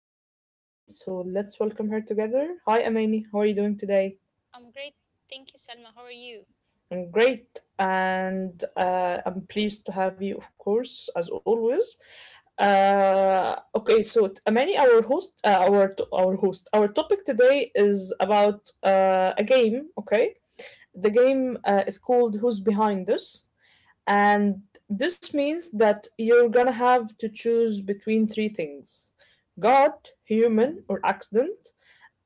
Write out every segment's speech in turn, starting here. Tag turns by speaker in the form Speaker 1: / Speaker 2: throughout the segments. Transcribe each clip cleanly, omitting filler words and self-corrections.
Speaker 1: Amani with me, so let's welcome her together. Hi, Amani, how are you doing today?
Speaker 2: I'm great. Thank you, Salma. How are you?
Speaker 1: I'm great, and I'm pleased to have you, of course, as always. Okay, so Amani, our host, our host, our topic today is about a game. Okay, the game is called Who's Behind Us. And this means that you're gonna have to choose between three things: God, human, or accident.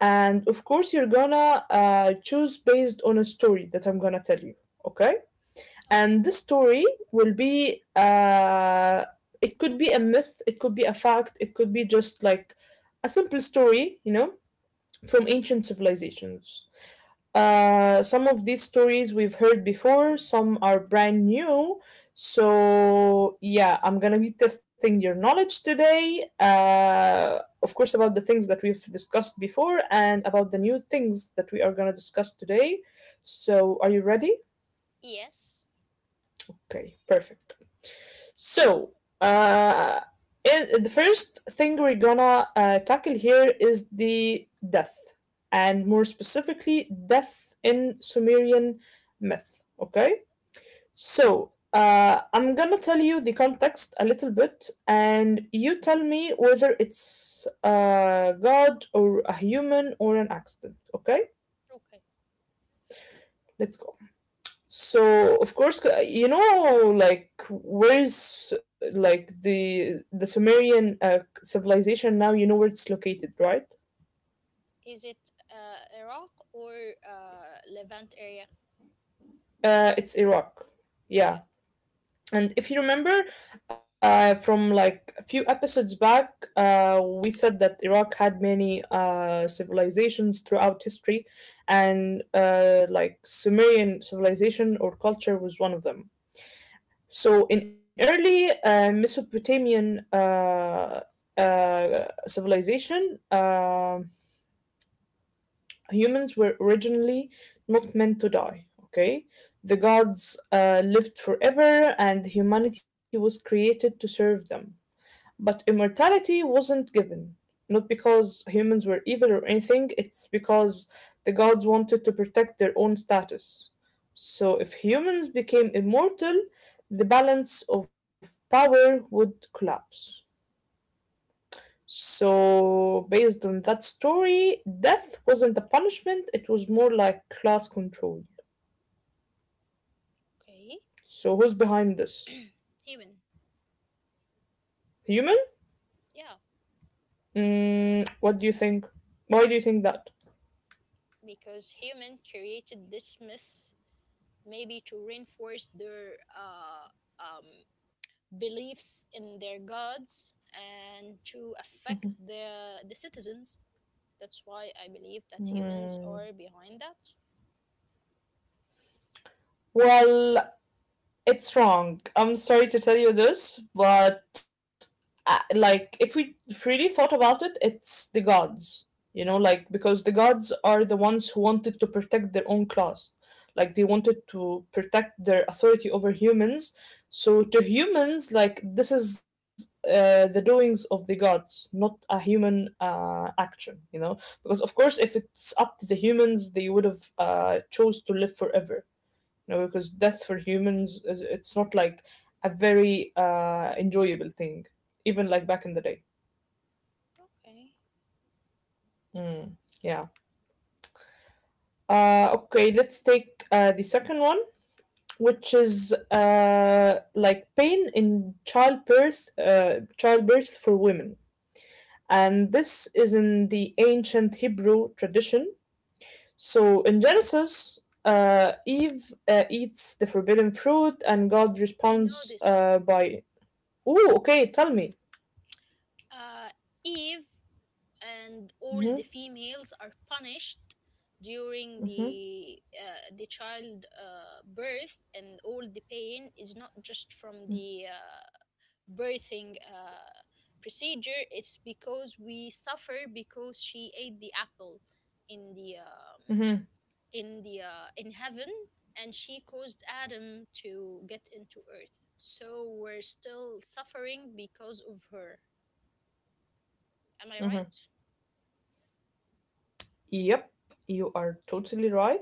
Speaker 1: And of course, you're gonna choose based on a story that I'm gonna tell you, okay? And
Speaker 2: Okay.
Speaker 1: this story will be, it could be a myth, it could be a fact, it could be just like a simple story, you know, from ancient civilizations. Some of these stories we've heard before, some are brand new. So, yeah, I'm gonna be testing your knowledge today, of course, about the things that we've discussed before and about the new things that we are gonna discuss today. So, are you ready?
Speaker 2: Yes.
Speaker 1: Okay, perfect. So, uh, in, the first thing we're gonna tackle here is the death, and more specifically, death in Sumerian myth. Okay, so I'm gonna tell you the context a little bit, and you tell me whether it's a god or a human or an accident. Okay,
Speaker 2: Okay.
Speaker 1: let's go. So of course, you know, like where's like the Sumerian civilization now? You know where it's located, right?
Speaker 2: Is it Iraq or Levant area?
Speaker 1: It's Iraq.
Speaker 2: Yeah.
Speaker 1: Yeah, and if you remember, from like a few episodes back, we said that Iraq had many civilizations throughout history, and like Sumerian civilization or culture was one of them. So, in early Mesopotamian civilization, humans were originally not meant to die. Okay, the gods lived forever, and humanity was created to serve them. But immortality wasn't given, not because humans were evil or anything, it's because the gods wanted to protect their own status. So if humans became immortal, the balance of power would collapse. So, based on that story, death wasn't a punishment, it was more like class control.
Speaker 2: Okay.
Speaker 1: So, who's behind this?
Speaker 2: Human.
Speaker 1: Human?
Speaker 2: Yeah.
Speaker 1: Mm, what do you think? Why do you think that?
Speaker 2: Because human created this myth maybe to reinforce their um, beliefs in their gods and to affect the citizens. That's why I believe that humans
Speaker 1: Mm,
Speaker 2: are behind that.
Speaker 1: well, it's wrong. I'm sorry to tell you this, but like if we really thought about it, it's the gods. You know, like because the gods are the ones who wanted to protect their own class. Like they wanted to protect their authority over humans. So to humans, like this is the doings of the gods, not a human action. You know, because of course, if it's up to the humans, they would have chose to live forever, you know, because death for humans is it's not like a very enjoyable thing, even like back in the day.
Speaker 2: Okay.
Speaker 1: Mm, yeah. Okay, let's take the second one, which is like pain in childbirth, childbirth for women, and this is in the ancient Hebrew tradition. So in Genesis, Eve eats the forbidden fruit, and God
Speaker 2: I know
Speaker 1: responds
Speaker 2: this.
Speaker 1: by, "Ooh, okay, tell me."
Speaker 2: Uh, Eve and all
Speaker 1: Hmm.
Speaker 2: the females are punished during the child birth, and all the pain is not just from the birthing procedure. It's because we suffer because she ate the apple in the
Speaker 1: Mm-hmm.
Speaker 2: in the in heaven, and she caused Adam to get into earth, so we're still suffering because of her.
Speaker 1: Mm-hmm.
Speaker 2: Am I right?
Speaker 1: Yep, you are totally right.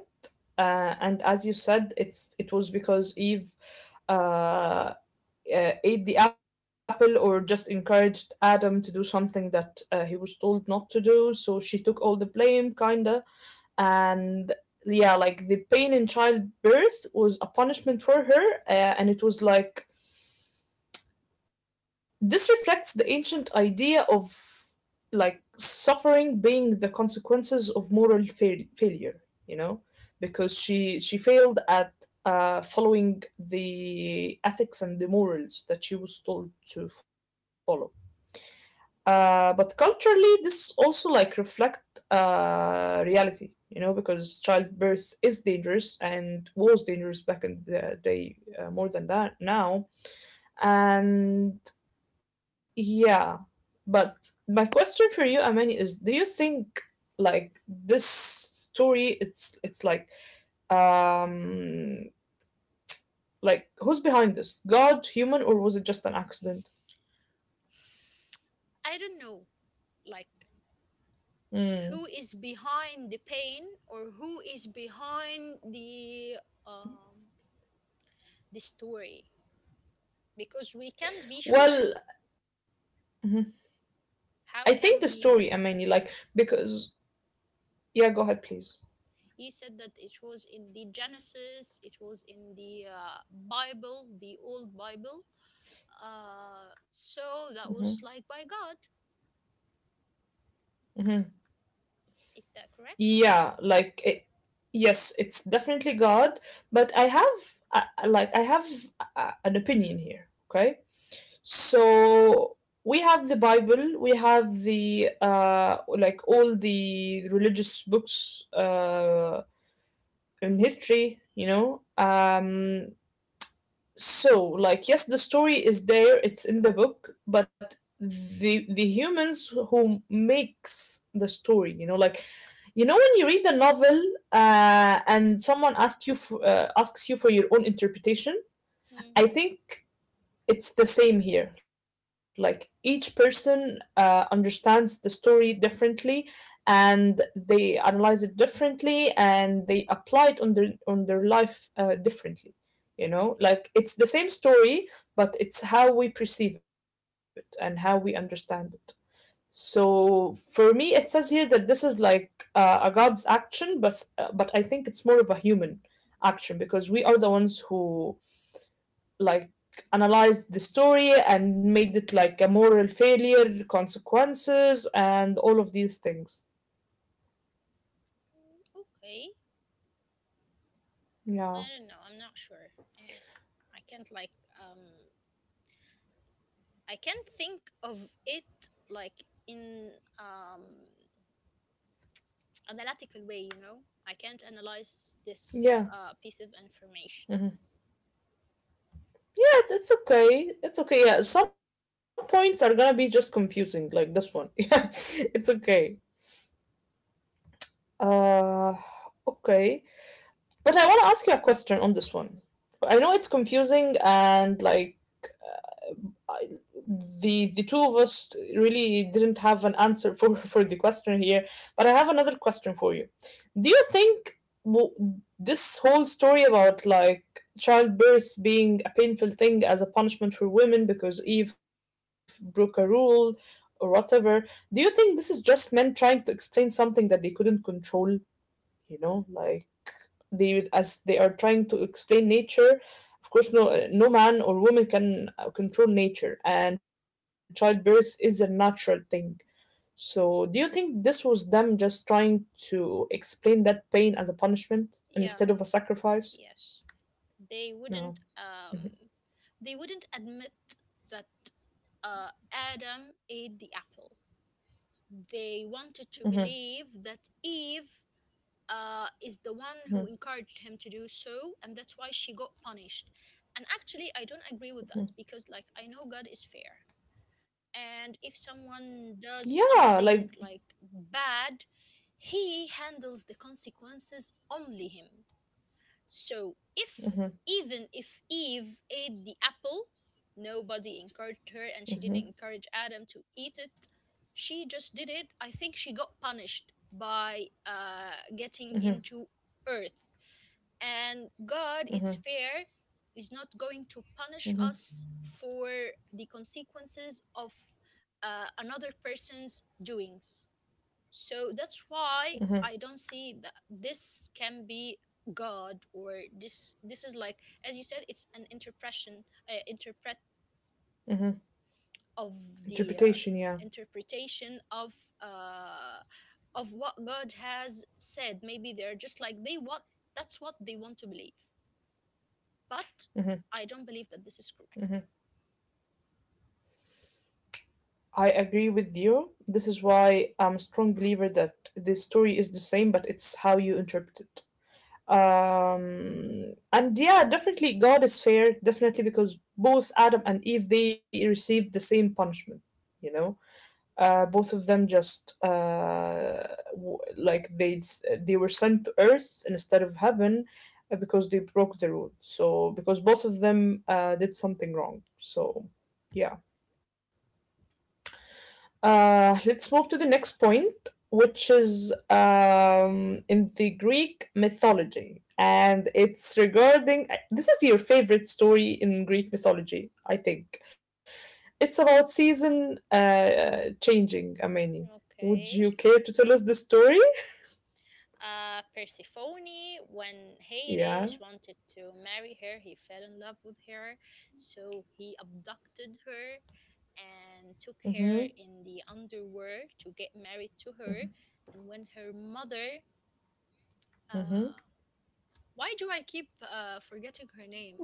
Speaker 1: And as you said, it's it was because Eve uh, ate the apple or just encouraged Adam to do something that he was told not to do. So she took all the blame, kinda. And yeah, like the pain in childbirth was a punishment for her, and it was like this reflects the ancient idea of like suffering being the consequences of moral failure, you know, because she failed at following the ethics and the morals that she was told to follow. But culturally, this also like reflect reality, you know, because childbirth is dangerous and was dangerous back in the day more than that now. And yeah, but my question for you, Amani, is do you think like this story it's um like who's behind this? God, human, or was it just an accident?
Speaker 2: I don't know, like,
Speaker 1: Mm.
Speaker 2: who is behind the pain or who is behind um the story, because we can't be sure.
Speaker 1: Well, mhm. I
Speaker 2: How
Speaker 1: think the
Speaker 2: can
Speaker 1: story,
Speaker 2: we...
Speaker 1: Amani, like because yeah, go ahead, please.
Speaker 2: He said that it was in the Genesis, it was in the Bible, the old Bible,
Speaker 1: Hmm.
Speaker 2: so that was like by God.
Speaker 1: Hmm.
Speaker 2: Is that correct?
Speaker 1: Yeah, like it, yes, it's definitely God, but I have like I have an opinion here. Okay, so we have the Bible, we have the like all the religious books in history, you know. So like yes, the story is there; it's in the book, but the humans who makes the story, you know, like you know when you read a novel, and someone asks you for your own interpretation,
Speaker 2: Hmm.
Speaker 1: I think it's the same here. Like each person understands the story differently, and they analyze it differently, and they apply it on their life differently. You know, like it's the same story, but it's how we perceive it and how we understand it. So for me, it says here that this is like a god's action, but but I think it's more of a human action because we are the ones who like analyzed the story and made it like a moral failure, consequences, and all of these things.
Speaker 2: Mm, okay.
Speaker 1: Yeah.
Speaker 2: I don't know, I'm not sure. uh, i can't like um I can't think of it, like, in um, analytical way, you know. I can't analyze this
Speaker 1: Yeah.
Speaker 2: piece of information.
Speaker 1: Mhm. But it's okay. It's okay. Yeah. Some points are gonna be just confusing, like this one. Yeah. It's okay. Uh, okay. But I wanna ask you a question on this one. I know it's confusing and like I, the two of us really didn't have an answer for for the question here, but I have another question for you. Do you think w- this whole story about like childbirth being a painful thing as a punishment for women because Eve broke a rule or whatever, do you think this is just men trying to explain something that they couldn't control? You know, like they as they are trying to explain nature, of course no no man or woman can control nature, and childbirth is a natural thing. So do you think this was them just trying to explain that pain as a
Speaker 2: Yeah,
Speaker 1: punishment instead of a
Speaker 2: yes.
Speaker 1: sacrifice?
Speaker 2: They wouldn't um,
Speaker 1: No. Hmm.
Speaker 2: they wouldn't admit that Adam ate the apple. They wanted to believe
Speaker 1: Hmm.
Speaker 2: that Eve is the one who encouraged him to
Speaker 1: Hmm.
Speaker 2: do so, and that's why she got punished. And actually, I don't agree with that because, like, I know God is fair. And if someone does
Speaker 1: Yeah,
Speaker 2: something
Speaker 1: like
Speaker 2: like bad, he handles the consequences only him. So if,
Speaker 1: hmm.
Speaker 2: even if Eve ate the apple, nobody encouraged her, and she didn't encourage Adam to eat it, she just did it. I think she got punished by getting into earth, and God is
Speaker 1: Hmm.
Speaker 2: fair, is not going to punish
Speaker 1: Hmm.
Speaker 2: us for the consequences of another person's doings. So that's why I don't see that this can be God. Or this is like, as you said, it's an interpretation interpret
Speaker 1: Hmm.
Speaker 2: of the
Speaker 1: Interpretation, yeah.
Speaker 2: interpretation uh of what God has said. Maybe they're just like they, what, that's what they want to believe,
Speaker 1: Hmm.
Speaker 2: but I don't believe that this is
Speaker 1: Hmm.
Speaker 2: correct.
Speaker 1: I agree with you. This is why I'm a strong believer that the story is the same, but it's how you interpret it. Um, and yeah, definitely God is fair, definitely, because both Adam and Eve they received the same punishment, you know. Both of them just like they were sent to earth instead of heaven, because they broke the rule. So because both of them did something wrong, so yeah. Let's move to the next point, which is in the Greek mythology. And it's regarding this is your favorite story in Greek mythology, I think. It's about season changing, Amani. Would
Speaker 2: Okay.
Speaker 1: you care to tell us the story?
Speaker 2: Persephone, when Hades
Speaker 1: Yeah.
Speaker 2: wanted to marry her, he fell in love with her, so he abducted her and took
Speaker 1: Mhm.
Speaker 2: her in the underworld to get married to her. And when her mother, uh, why do I keep forgetting her name?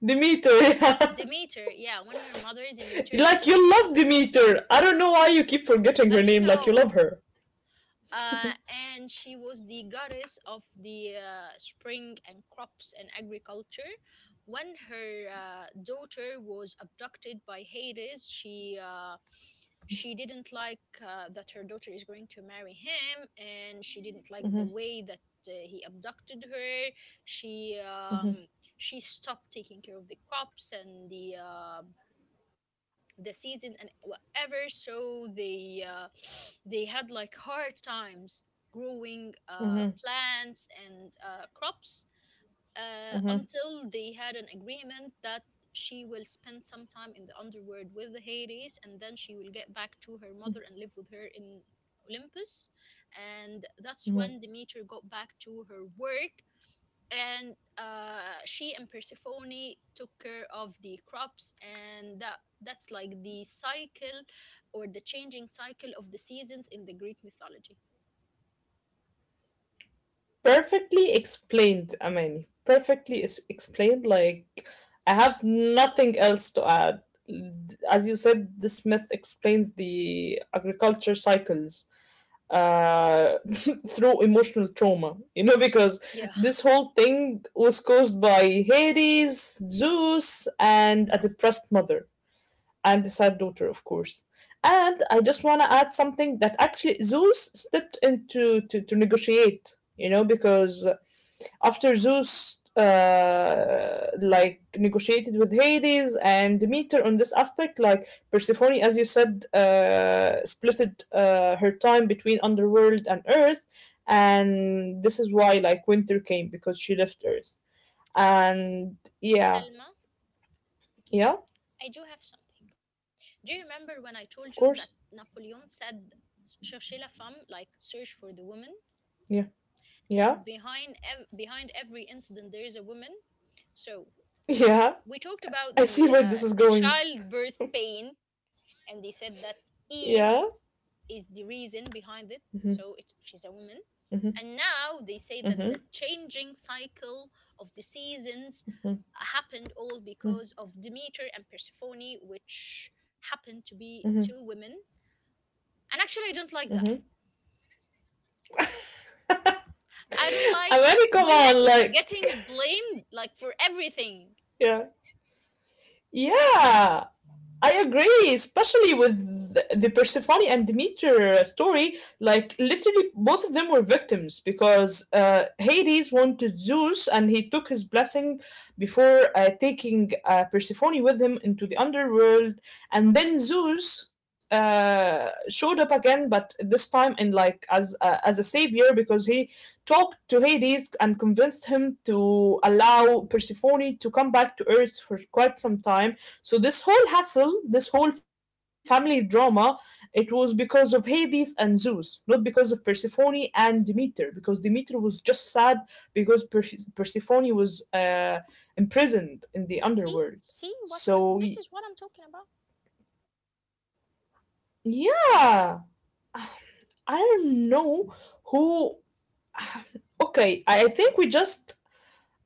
Speaker 1: Demeter. Yeah.
Speaker 2: Demeter, yeah, when her mother Demeter
Speaker 1: Like
Speaker 2: and she...
Speaker 1: you love Demeter. I don't know why you keep forgetting
Speaker 2: I
Speaker 1: her
Speaker 2: don't
Speaker 1: name. Like you
Speaker 2: know.
Speaker 1: love her.
Speaker 2: Uh, And she was the goddess of the spring and crops and agriculture. When her daughter was abducted by Hades, she didn't like that her daughter is going to marry him, and she didn't like the way that he abducted her. She um, she stopped taking care of the crops and the season and whatever. So they had like hard times growing plants and crops,
Speaker 1: Mhm.
Speaker 2: until they had an agreement that she will spend some time in the underworld with the Hades, and then she will get back to her mother and live with her in Olympus. And that's
Speaker 1: Mhm.
Speaker 2: when Demeter got back to her work, and she and Persephone took care of the crops, and that's like the cycle or the changing cycle of the seasons in the Greek mythology.
Speaker 1: Perfectly explained, Amani. Perfectly is explained. Like, I have nothing else to add. As you said, this myth explains the agriculture cycles uh, through emotional trauma. You know, because
Speaker 2: Yeah.
Speaker 1: this whole thing was caused by Hades, Zeus, and a depressed mother and a sad daughter, of course. And I just want to add something that actually Zeus stepped into to negotiate, you know, because after Zeus like negotiated with Hades and Demeter on this aspect, like Persephone, as you said, splitted her time between underworld and Earth, and this is why like winter came because she left Earth. And yeah,
Speaker 2: Selma,
Speaker 1: yeah,
Speaker 2: I do have something. Do you
Speaker 1: of
Speaker 2: remember when I
Speaker 1: course,
Speaker 2: told you that Napoleon said, "Cherchez la femme," like, search for the woman,
Speaker 1: yeah, yeah,
Speaker 2: and behind every incident there is a woman. So
Speaker 1: yeah.
Speaker 2: we talked
Speaker 1: I
Speaker 2: about
Speaker 1: see
Speaker 2: the
Speaker 1: where
Speaker 2: uh,
Speaker 1: this is
Speaker 2: the
Speaker 1: going.
Speaker 2: childbirth pain, and they said that Eve
Speaker 1: Yeah.
Speaker 2: is the reason behind it. So
Speaker 1: Hmm.
Speaker 2: it, she's a woman. And
Speaker 1: Hmm.
Speaker 2: now they say that the
Speaker 1: Hmm.
Speaker 2: changing cycle of the seasons
Speaker 1: Hmm.
Speaker 2: happened all because of Demeter and Persephone, which happened to be
Speaker 1: Hmm.
Speaker 2: two women. And actually, I don't like
Speaker 1: Hmm.
Speaker 2: that. I don't like
Speaker 1: Amani, come
Speaker 2: women
Speaker 1: on, like
Speaker 2: getting blamed like for everything.
Speaker 1: yeah. Yeah, I agree, especially with the Persephone and Demeter story. Like, literally, both of them were victims because Hades wanted Zeus and he took his blessing before taking Persephone with him into the underworld. And then Zeus showed up again, but this time in like as a savior because he talked to Hades and convinced him to allow Persephone to come back to Earth for quite some time. So this whole hassle, this whole family drama, it was because of Hades and Zeus, not because of Persephone and Demeter, because Demeter was just sad because Persephone was imprisoned
Speaker 2: See,
Speaker 1: in the
Speaker 2: see
Speaker 1: underworld.
Speaker 2: what we're... This is what I'm
Speaker 1: So
Speaker 2: talking about.
Speaker 1: yeah, I don't know who. Okay, I think we just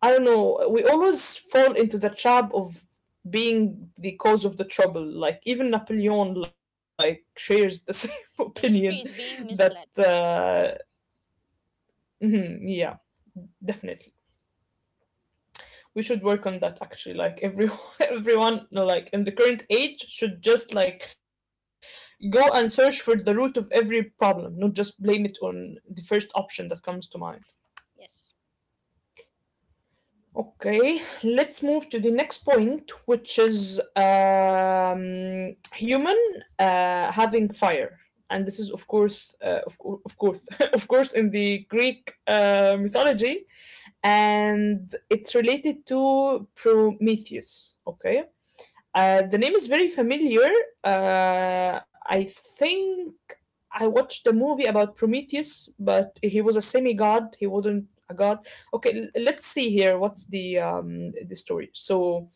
Speaker 1: I don't know. We always fall into the trap of being the cause of the trouble. Like even Napoleon, like shares the same opinion
Speaker 2: The history is
Speaker 1: that.
Speaker 2: being misled.
Speaker 1: Mhm, yeah, definitely. We should work on that. Actually, like everyone, everyone, like in the current age, should just like go and search for the root of every problem, not just blame it on the first option that comes to mind.
Speaker 2: Yes.
Speaker 1: Okay, let's move to the next point, which is human having fire, and this is of course, of course, in the Greek mythology, and it's related to Prometheus. Okay, the name is very familiar. I think I watched a movie about Prometheus, but he was a semi-god. He wasn't a god. Okay, let's see here. What's the story? So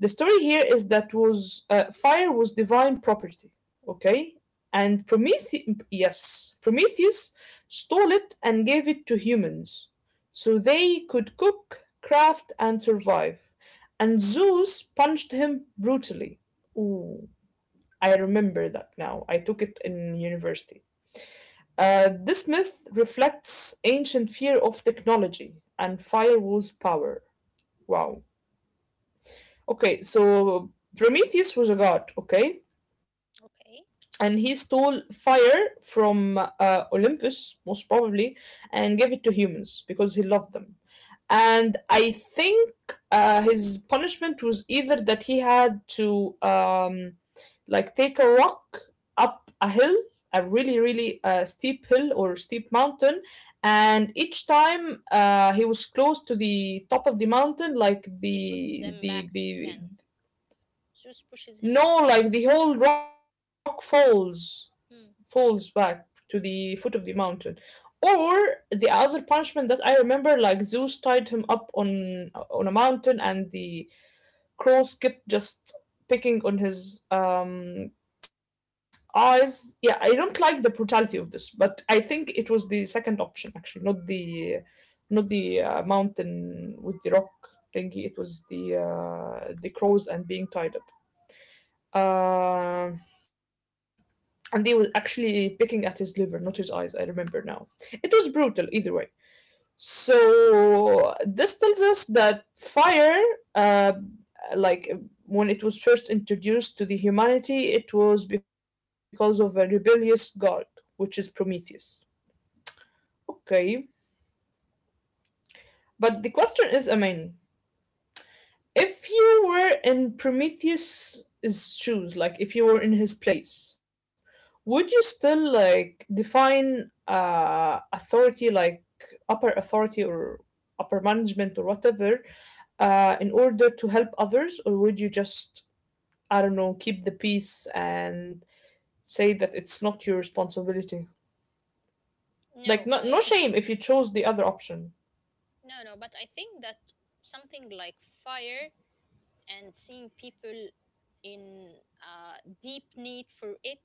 Speaker 1: the story here is that was fire was divine property, okay, and Prometheus, yes, Prometheus stole it and gave it to humans so they could cook, craft and survive, and Zeus punched him brutally. Ooh, I remember that now, I took it in university. This myth reflects ancient fear of technology, and fire was power. Wow. Okay, so Prometheus was a god, okay? And he
Speaker 2: Okay.
Speaker 1: stole fire from Olympus, most probably, and gave it to humans because he loved them. And I think his punishment was either that he had to like take a rock up a hill, a really, really steep hill or steep mountain, and each time he was close to the top of the mountain, like
Speaker 2: He puts
Speaker 1: the
Speaker 2: them back
Speaker 1: the the
Speaker 2: again. Zeus pushes him
Speaker 1: no,
Speaker 2: back.
Speaker 1: like the whole rock falls
Speaker 2: Hmm.
Speaker 1: back to the foot of the mountain. Or the other punishment that I remember, like Zeus tied him up on a mountain, and the crows kept just picking on his eyes. Yeah, I don't like the brutality of this, but I think it was the second option actually, not the mountain with the rock thingy. It was the crows and being tied up. Um and they were actually picking at his liver, not his eyes. I remember now. It was brutal either way. So this tells us that fire, uh, like when it was first introduced to the humanity, it was because of a rebellious god, which is Prometheus. Okay, but the question is, Amani, if you were in Prometheus's shoes, like if you were in his place, would you still like define authority, like upper authority or upper management or whatever, in order to help others, or would you just, I don't know, keep the peace and say that it's not your responsibility? Like,
Speaker 2: No,
Speaker 1: no, no
Speaker 2: I
Speaker 1: shame if you chose the other option.
Speaker 2: no, no, but I think that something like fire and seeing people in deep need for it,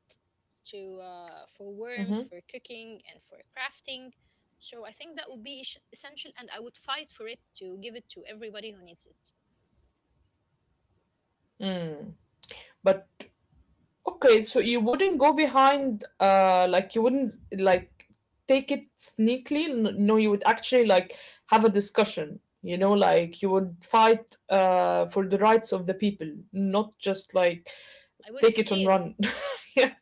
Speaker 2: to for warmth,
Speaker 1: Hmm.
Speaker 2: for cooking and for crafting. So I think that would be essential, and I would fight for it to give it to everybody who needs it.
Speaker 1: But okay, so you wouldn't go behind, like you wouldn't like take it sneakily. No, you would actually like have a discussion. You know, like you would fight for the rights of the people, not just like
Speaker 2: I wouldn't
Speaker 1: take it and
Speaker 2: steal.
Speaker 1: run. Yeah,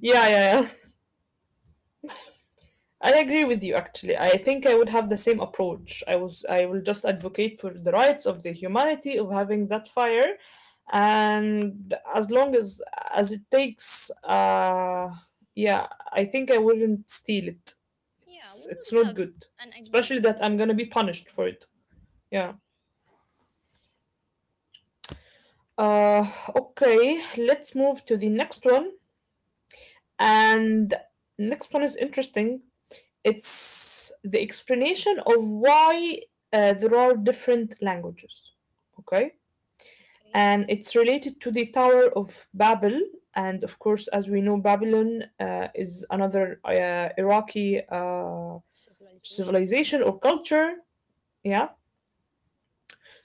Speaker 1: yeah, yeah. I agree with you actually. I think I would have the same approach. I will just advocate for the rights of the humanity of having that fire, and as long as it takes uh, yeah, I think I wouldn't steal it.
Speaker 2: Yeah, we
Speaker 1: It's
Speaker 2: would
Speaker 1: not
Speaker 2: have
Speaker 1: good.
Speaker 2: an
Speaker 1: Especially
Speaker 2: agreement.
Speaker 1: that I'm going to be punished for it.
Speaker 2: Yeah.
Speaker 1: Yeah. Uh, okay, let's move to the next one, and next one is interesting, it's the explanation of why there are different languages. Okay.
Speaker 2: Okay.
Speaker 1: And it's related to the Tower of Babel. And of course, as we know, Babylon is another Iraqi
Speaker 2: Civilization.
Speaker 1: civilization or culture. Yeah.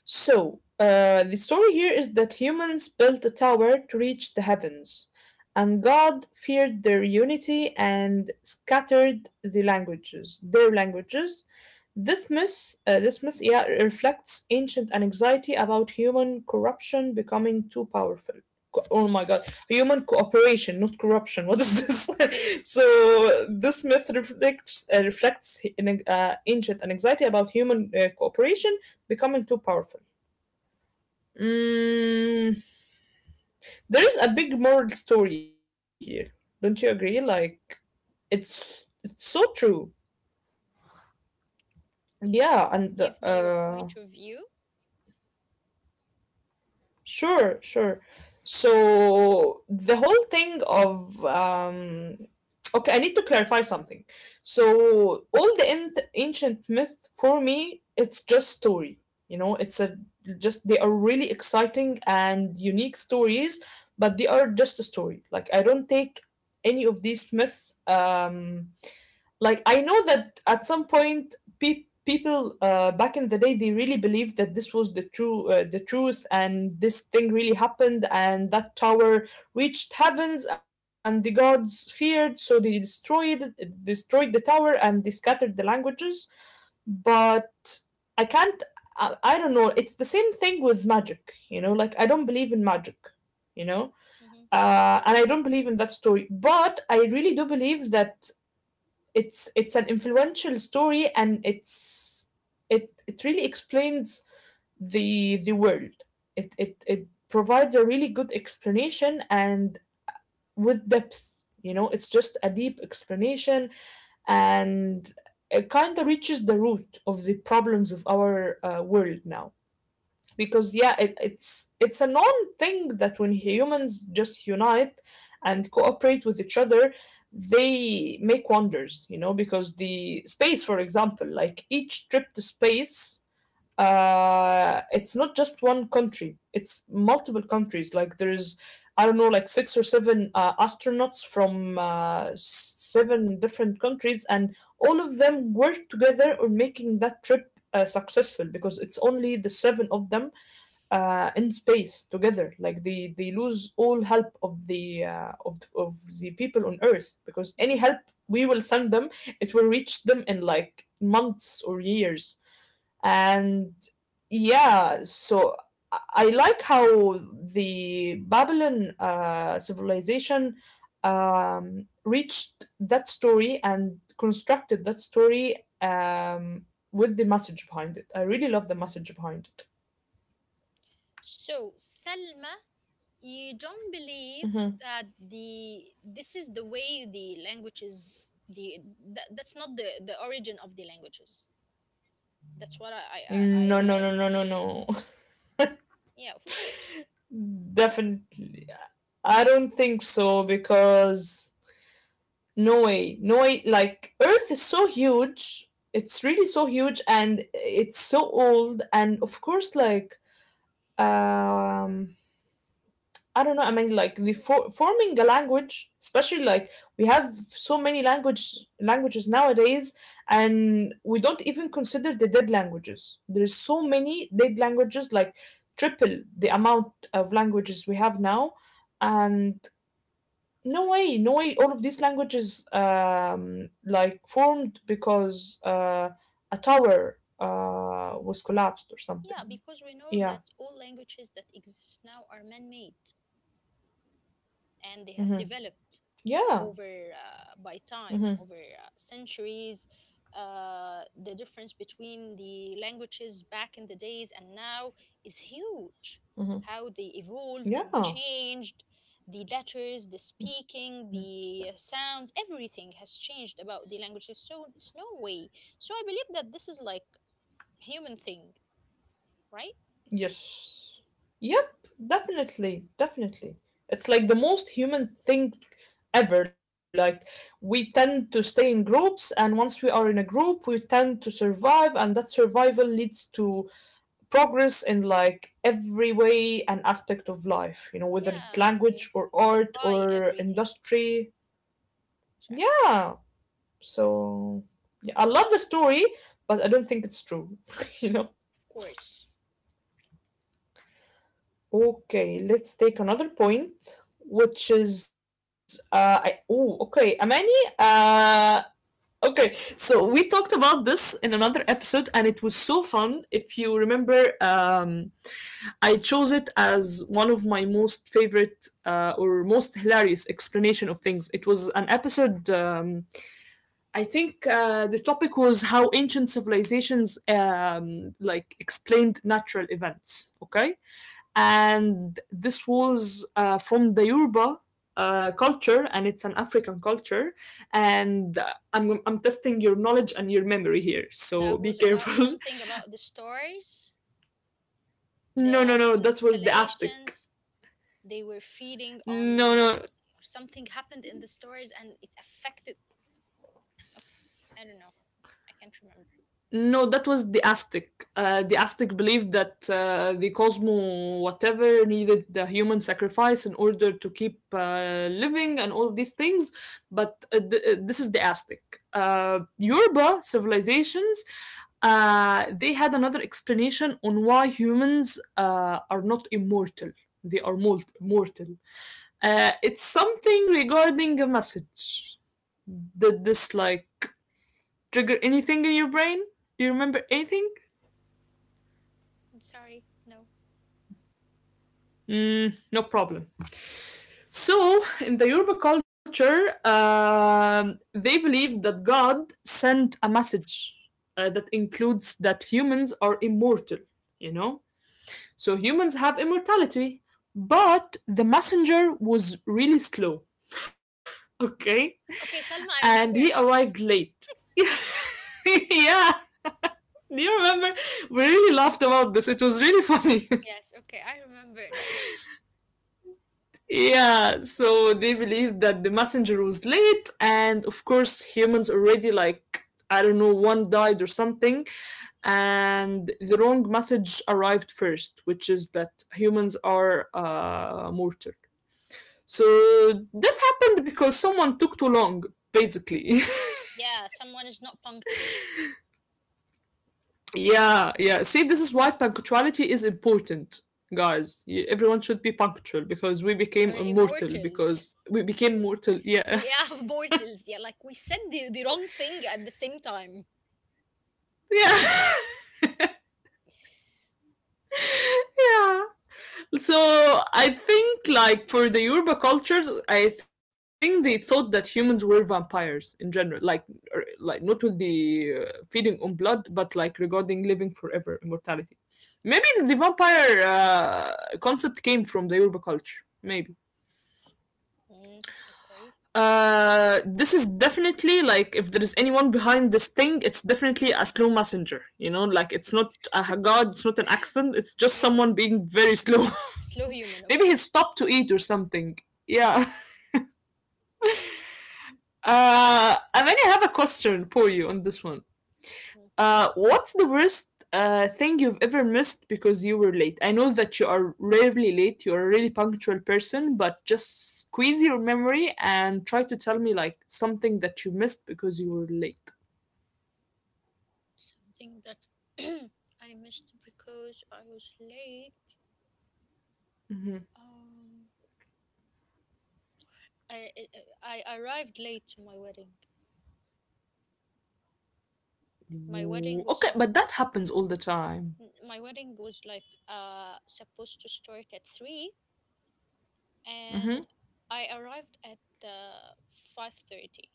Speaker 1: So, the story here is that humans built a tower to reach the heavens, and God feared their unity and scattered the languages, their languages. Yeah, reflects ancient anxiety about human corruption becoming too powerful. Oh my God, human cooperation, not corruption. What is this?
Speaker 2: Okay.
Speaker 1: So this myth reflects ancient anxiety about human cooperation becoming too powerful. Mm, there is a big moral story here, don't you agree? Like it's so true. Yeah,
Speaker 2: Like,
Speaker 1: and
Speaker 2: give me your point of view.
Speaker 1: sure, sure. So the whole thing of okay, I need to clarify something. So all the ancient myth for me, it's just story. You know, it's a just they are really exciting and unique stories, but they are just a story. Like I don't take any of these myths like I know that at some point people back in the day they really believed that this was the truth and this thing really happened, and that tower reached heavens and the gods feared, so they destroyed the tower and they scattered the languages, but I can't, I don't know, it's the same thing with magic, you know, like I don't believe in magic, you know,
Speaker 2: Hmm.
Speaker 1: and I don't believe in that story. But I really do believe that it's an influential story, and it really explains the world, it provides a really good explanation and with depth, you know, it's just a deep explanation, and it kind of reaches the root of the problems of our world now, because yeah it's a known thing that when humans just unite and cooperate with each other they make wonders, you know, because the space for example, like each trip to space, it's not just one country, it's multiple countries, like there's I don't know like six or seven astronauts from seven different countries, and all of them work together on making that trip successful because it's only the seven of them in space together. Like they lose all help of the of the people on Earth, because any
Speaker 2: Hmm.
Speaker 1: help we will send them, it will reach them in like months or years. And yeah, so I like how the Babylon civilization reached that story and constructed that story um, with the message behind it. I really love the message behind it.
Speaker 2: So, Selma, you don't believe that the this is the way the language is the that, that's not the origin of the languages, that's what I
Speaker 1: No, no,
Speaker 2: like.
Speaker 1: no, no, no, no.
Speaker 2: Yeah, of course,
Speaker 1: Definitely. I don't think so, because no way. No way. Like, Earth is so huge. It's really so huge and it's so old. And of course, like, um, I don't know. I mean, like forming a language, especially like we have so many languages nowadays, and we don't even consider the dead languages. There's so many dead languages, like triple the amount of languages we have now, and no way, no way, all of these languages like formed because a tower was collapsed or
Speaker 2: yeah.
Speaker 1: something.
Speaker 2: Because we know
Speaker 1: Yeah.
Speaker 2: that all languages that exist now are man-made, and they have
Speaker 1: Mm-hmm.
Speaker 2: developed
Speaker 1: Yeah.
Speaker 2: over by
Speaker 1: Mm-hmm. Mm-hmm.
Speaker 2: time, over centuries. Uh, The difference between the languages back in the days and now is huge.
Speaker 1: Mm-hmm.
Speaker 2: How they evolved
Speaker 1: Yeah.
Speaker 2: and
Speaker 1: Mm-hmm.
Speaker 2: changed, the letters, the speaking, the sounds, everything has changed about the languages. So it's no way. So I believe that this is like human thing, right?
Speaker 1: Yes. Yep, definitely, definitely. It's like the most human thing ever. Like, we tend to stay in groups, and once we are in a group, we tend to survive, and that survival leads to progress in like every way and aspect of life, you know, whether it's
Speaker 2: Yeah, you
Speaker 1: language or art
Speaker 2: unify
Speaker 1: or
Speaker 2: everything.
Speaker 1: industry.
Speaker 2: Exactly.
Speaker 1: Yeah, so yeah, I love the story, but I don't think it's true, you know.
Speaker 2: Of course.
Speaker 1: Okay, let's take another point, which is I, oh, okay, Amani. Okay, so we talked about this in another episode, and it was so fun. If you remember, I chose it as one of my most favorite or most hilarious explanation of things. It was an episode. I think the topic was how ancient civilizations like explained natural events. Okay, and this was from the Yoruba culture, and it's an African culture. And I'm testing your knowledge and your memory here,
Speaker 2: That
Speaker 1: so be
Speaker 2: was about
Speaker 1: careful.
Speaker 2: something about the stars,
Speaker 1: No, no,
Speaker 2: the
Speaker 1: no, that was the Aztec.
Speaker 2: constellations, they were feeding
Speaker 1: No,
Speaker 2: on...
Speaker 1: no,
Speaker 2: Something happened in the stories and it affected... Oh, I don't know, I can't remember.
Speaker 1: no, that was the Aztec. The Aztec believed that the Cosmo, whatever, needed the human sacrifice in order to keep living and all of these things. But this is the Aztec. Yoruba civilizations, they had another explanation on why humans are not immortal. They are mortal. It's something regarding a message. Did this like trigger anything in your brain? Do you remember anything?
Speaker 2: I'm sorry, no.
Speaker 1: Mm, no problem. So, in the Yoruba culture, they believe that God sent a message that includes that humans are immortal, you know? So, humans have immortality, but the messenger was really slow, okay?
Speaker 2: Okay, Salma,
Speaker 1: And
Speaker 2: I
Speaker 1: he
Speaker 2: remember now.
Speaker 1: arrived late. Yeah, do you remember? We really laughed about this, it was really funny.
Speaker 2: Yes, okay, I remember now.
Speaker 1: Yeah, so they believed that the messenger was late, and of course, humans already like I don't know, one died or something, and the wrong message arrived first, which is that humans are mortal. So that happened because someone took too long, basically.
Speaker 2: Yeah, someone is not punctual.
Speaker 1: Yeah, yeah. See, this is why punctuality is important, guys. Everyone should be punctual because we became
Speaker 2: We're
Speaker 1: immortal
Speaker 2: immortals.
Speaker 1: because we became mortal. Yeah,
Speaker 2: We are mortals, yeah. Like, we said the wrong thing at the same time.
Speaker 1: yeah, yeah. So I think like for the Yoruba cultures, I think they thought that humans were vampires in general, like not with the feeding on blood, but like regarding living forever, immortality. Maybe the vampire concept came from the Yoruba culture. Maybe
Speaker 2: Mm, okay.
Speaker 1: this is definitely like if there is anyone behind this thing, it's definitely a slow messenger. You know, like it's not a god, it's not an accident. It's just someone
Speaker 2: Yes.
Speaker 1: being very slow.
Speaker 2: A slow human, of
Speaker 1: Maybe he
Speaker 2: course.
Speaker 1: stopped to eat or something. Yeah. I mean, I have a question for you on this one.
Speaker 2: Okay.
Speaker 1: What's the worst thing you've ever missed because you were late? I know that you are rarely late. You're a really punctual person, but just squeeze your memory and try to tell me like something that you missed because you were late.
Speaker 2: Something that I missed because I was late. Um, I, I arrived late to my wedding. My
Speaker 1: Ooh,
Speaker 2: wedding was
Speaker 1: okay,
Speaker 2: sup-
Speaker 1: but that happens all the time.
Speaker 2: my wedding was like supposed to start at 3, and
Speaker 1: Mm-hmm.
Speaker 2: I arrived at 5:30.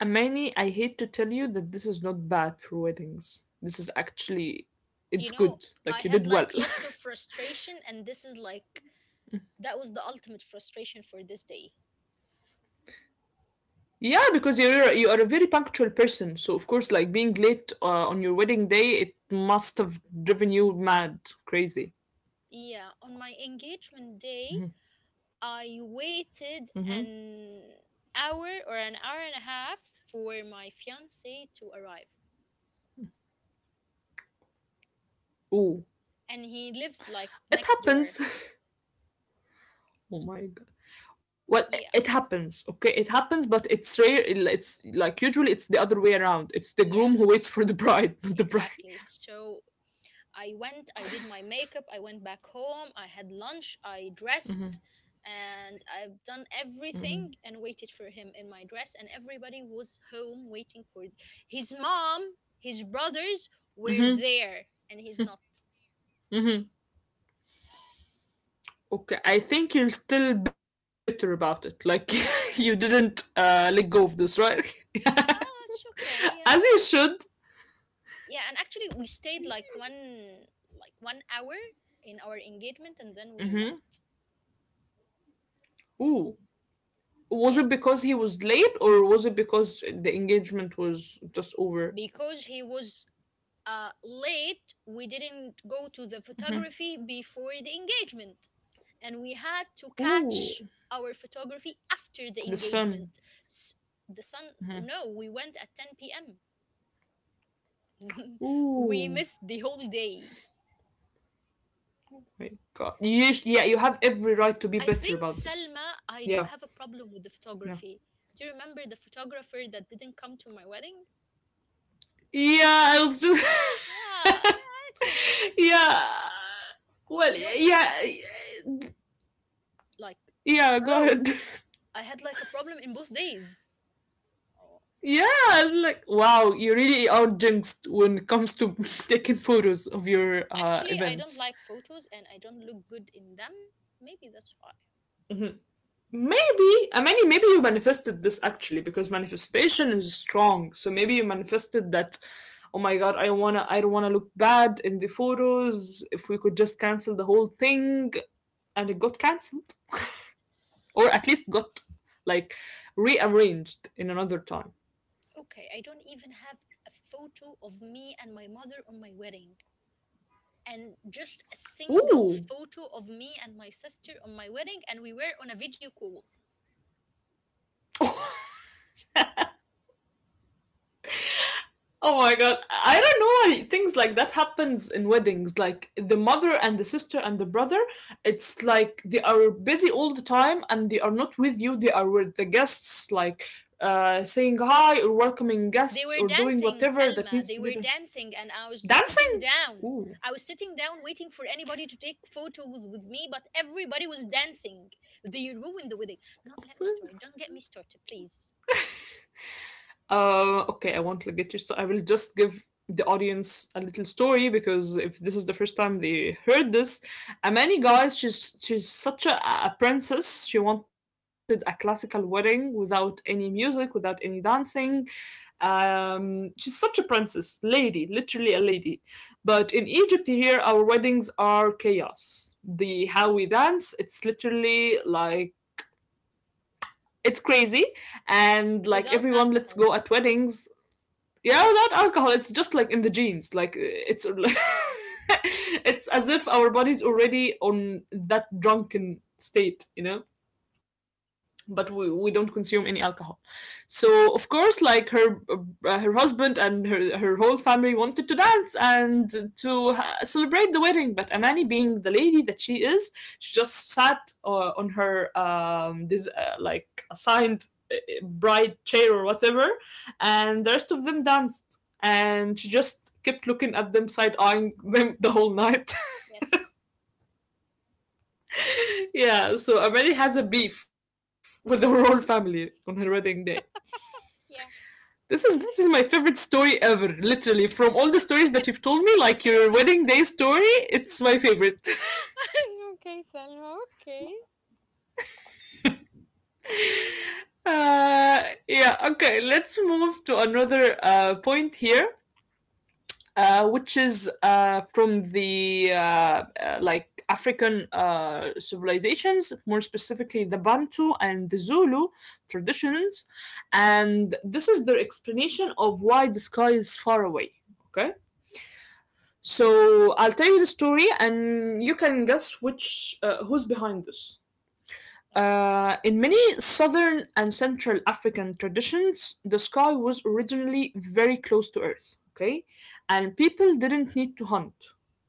Speaker 1: Amani, I hate to tell you that this is not bad for weddings. This is actually,
Speaker 2: You
Speaker 1: it's
Speaker 2: know,
Speaker 1: good.
Speaker 2: I
Speaker 1: Like you
Speaker 2: had
Speaker 1: did well.
Speaker 2: like lots of frustration, and this is like that was the ultimate frustration for this day.
Speaker 1: Yeah, because you are a very punctual person, so of course, like being late on your wedding day, it must have driven you mad, crazy.
Speaker 2: Yeah, on my engagement day, I
Speaker 1: Mm-hmm.
Speaker 2: waited an hour or an hour and a half for my fiance to arrive.
Speaker 1: Ooh,
Speaker 2: And he lives like
Speaker 1: it
Speaker 2: next door.
Speaker 1: happens. Oh my god. Well,
Speaker 2: Yeah,
Speaker 1: it happens. Okay, it happens, but it's rare. It's like usually it's the other way around. It's the
Speaker 2: yeah,
Speaker 1: groom who waits for the bride, not the bride.
Speaker 2: exactly. So I went, I did my makeup, I went back home, I had lunch, I dressed, and I've done everything and waited for him in my dress. And everybody was home waiting for his mom, his brothers were there, and he's not.
Speaker 1: Okay, I think you're still bitter about it. Like you
Speaker 2: Yeah, yeah.
Speaker 1: didn't let go of this, right?
Speaker 2: Yeah, oh, it's
Speaker 1: As
Speaker 2: okay.
Speaker 1: you
Speaker 2: Yeah.
Speaker 1: should.
Speaker 2: Yeah, and actually we stayed like 1 hour in our engagement, and then we left.
Speaker 1: Ooh. Was
Speaker 2: Yeah.
Speaker 1: it because he was late or was it because the engagement was just over?
Speaker 2: Because he was late, we didn't go to the photography before the engagement. And we had to
Speaker 1: Ooh,
Speaker 2: catch our photography after the
Speaker 1: the sun.
Speaker 2: engagement. S The sun, no, we went at 10 p.m. We
Speaker 1: Ooh,
Speaker 2: missed the whole day.
Speaker 1: my God. You, yeah, you have every right to be
Speaker 2: I
Speaker 1: bitter
Speaker 2: think,
Speaker 1: about this.
Speaker 2: Selma, I do
Speaker 1: Yeah,
Speaker 2: have a problem with the
Speaker 1: yeah.
Speaker 2: photography. Do you remember the photographer that didn't come to my wedding?
Speaker 1: Yeah, I was just.
Speaker 2: Yeah, yeah, it's okay.
Speaker 1: Yeah. Well,
Speaker 2: You know, it's
Speaker 1: yeah.
Speaker 2: the first time to to, like...
Speaker 1: Yeah, go
Speaker 2: Oh,
Speaker 1: ahead.
Speaker 2: I had like a problem in both days. Oh.
Speaker 1: Yeah, I was like, wow, you really are jinxed when it comes to taking photos of your
Speaker 2: Actually, I don't
Speaker 1: events.
Speaker 2: like photos and I don't look good in them. Maybe that's why.
Speaker 1: Maybe, I mean, maybe you manifested this actually because manifestation is strong. So maybe you manifested that, oh my God, I wanna, I don't wanna look bad in the photos. If we could just cancel the whole thing, and it got cancelled, or at least got like rearranged in another time.
Speaker 2: Okay, I don't even have a photo of me and my mother on my wedding. And just a single
Speaker 1: Ooh.
Speaker 2: photo of me and my sister on my wedding, and we were on a video call.
Speaker 1: Oh my God. I don't know why things like that happens in weddings. Like the mother and the sister and the brother, it's like they are busy all the time and they are not with you. They are with the guests, like saying hi or welcoming
Speaker 2: They
Speaker 1: guests
Speaker 2: were
Speaker 1: or doing
Speaker 2: dancing,
Speaker 1: whatever that
Speaker 2: Salma.
Speaker 1: needs
Speaker 2: They
Speaker 1: to be
Speaker 2: were
Speaker 1: done.
Speaker 2: dancing, and I was sitting
Speaker 1: Dancing?
Speaker 2: down.
Speaker 1: Ooh.
Speaker 2: I was sitting down waiting for anybody to take photos with me, but everybody was dancing. They ruined the wedding. Not let me start. Don't get me started, please.
Speaker 1: Okay, I won't like, get you. I will just give the audience a little story because if this is the first time they heard this, Amani, guys, she's such a princess. She wanted a classical wedding without any music, without any dancing. She's such a princess, lady, literally a lady. But in Egypt here, our weddings are chaos. The how we dance, it's literally like it's crazy, and like
Speaker 2: Without
Speaker 1: everyone let's
Speaker 2: alcohol.
Speaker 1: go at weddings, yeah, without alcohol. It's just like in the genes, like it's
Speaker 2: Yeah.
Speaker 1: it's as if our body's already on that drunken state, you know, but we don't consume any alcohol. So of course, like her her husband and her whole family wanted to dance and to celebrate the wedding, but Amani being the lady that she is, she just sat on her this like assigned bride chair or whatever, and the rest of them danced, and she just kept looking at them, side eyeing them the whole night.
Speaker 2: Yes.
Speaker 1: Yeah, so Amani has a beef with her whole family on her wedding day.
Speaker 2: Yeah.
Speaker 1: This is my favorite story ever. Literally, from all the stories that you've told me, like your wedding day story, it's my favorite.
Speaker 2: Okay, Salma, okay.
Speaker 1: Yeah. Okay. Let's move to another point here, which is from the like African civilizations, more specifically the Bantu and the Zulu traditions, and this is their explanation of why the sky is far away. Okay. So I'll tell you the story, and you can guess which who's behind this.
Speaker 2: Okay.
Speaker 1: In many southern and central African traditions, the sky was originally very close to Earth. Okay, and people didn't need to hunt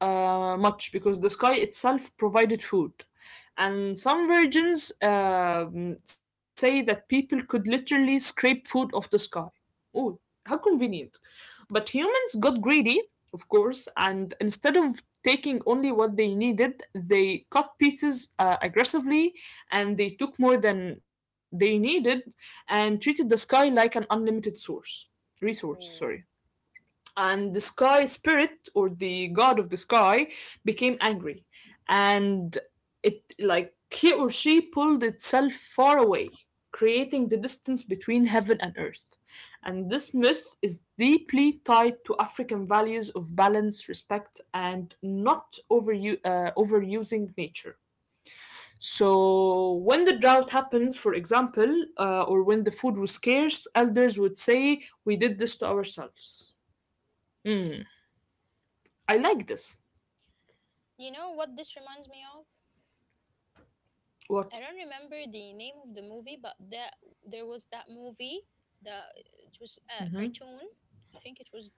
Speaker 1: much because the sky itself provided food. And some versions say that people could literally scrape food off the sky. Oh, how convenient! But humans got greedy, of course, and instead of taking only what they needed, they cut pieces aggressively, and they took more than they needed and treated the sky like an unlimited source. Resource, sorry. And the sky spirit or the god of the sky became angry, and it like he or she pulled itself far away, creating the distance between heaven and earth. And this myth is deeply tied to African values of balance, respect, and not overusing nature. So when the drought happens, for example, or when the food was scarce, elders would say we did this to ourselves. Hmm. I like this.
Speaker 2: You know what this reminds me of? I
Speaker 1: What?
Speaker 2: don't remember the name of the movie, but that there was that movie that it was a cartoon. I think it was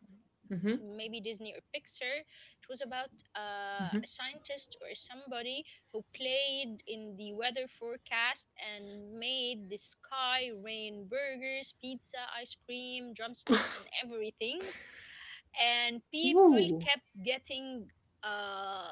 Speaker 2: maybe Disney or Pixar. It was about a scientist or somebody who played in the weather forecast and made the sky rain burgers, pizza, ice cream, drumsticks, and everything. And people
Speaker 1: Ooh.
Speaker 2: kept getting uh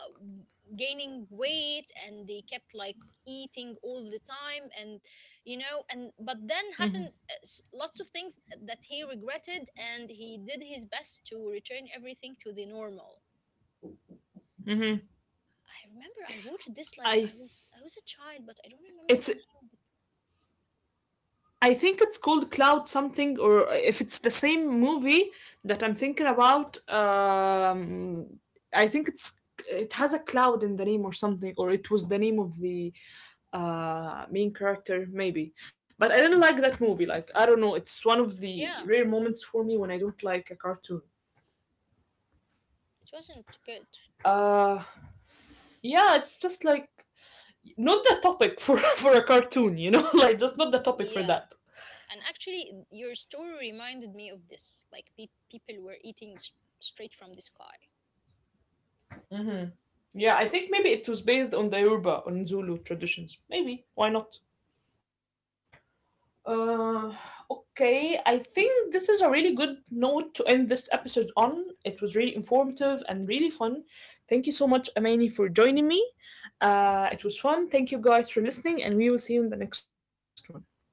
Speaker 2: gaining weight, and they kept like eating all the time, and you know. And but then happened lots of things that he regretted, and he did his best to return everything to the normal.
Speaker 1: Mm-hmm.
Speaker 2: I remember I watched this, like,
Speaker 1: I th-
Speaker 2: I was a child, but I don't remember the
Speaker 1: it's
Speaker 2: name of it.
Speaker 1: I think it's called Cloud something, or if it's the same movie that I'm thinking about, I think it's it has a cloud in the name or something, or it was the name of the main character maybe. But I didn't like that movie. Like I don't know, it's one of
Speaker 2: Yeah,
Speaker 1: the rare moments for me when I don't like a cartoon.
Speaker 2: it wasn't good.
Speaker 1: uh yeah, it's just like not the topic for for a cartoon, you know, like just not the topic for
Speaker 2: Yeah,
Speaker 1: that.
Speaker 2: and actually your story reminded me of this, like, people were eating straight from the sky.
Speaker 1: Mm-hmm. Yeah, I think maybe it was based on the Yoruba on Zulu traditions. Maybe why not? Uh, okay, I think this is a really good note to end this episode on. It was really informative and really fun. Thank you so much, Amani, for joining me. It was fun. Thank you guys for listening, and we will see you in the next one. Bye bye.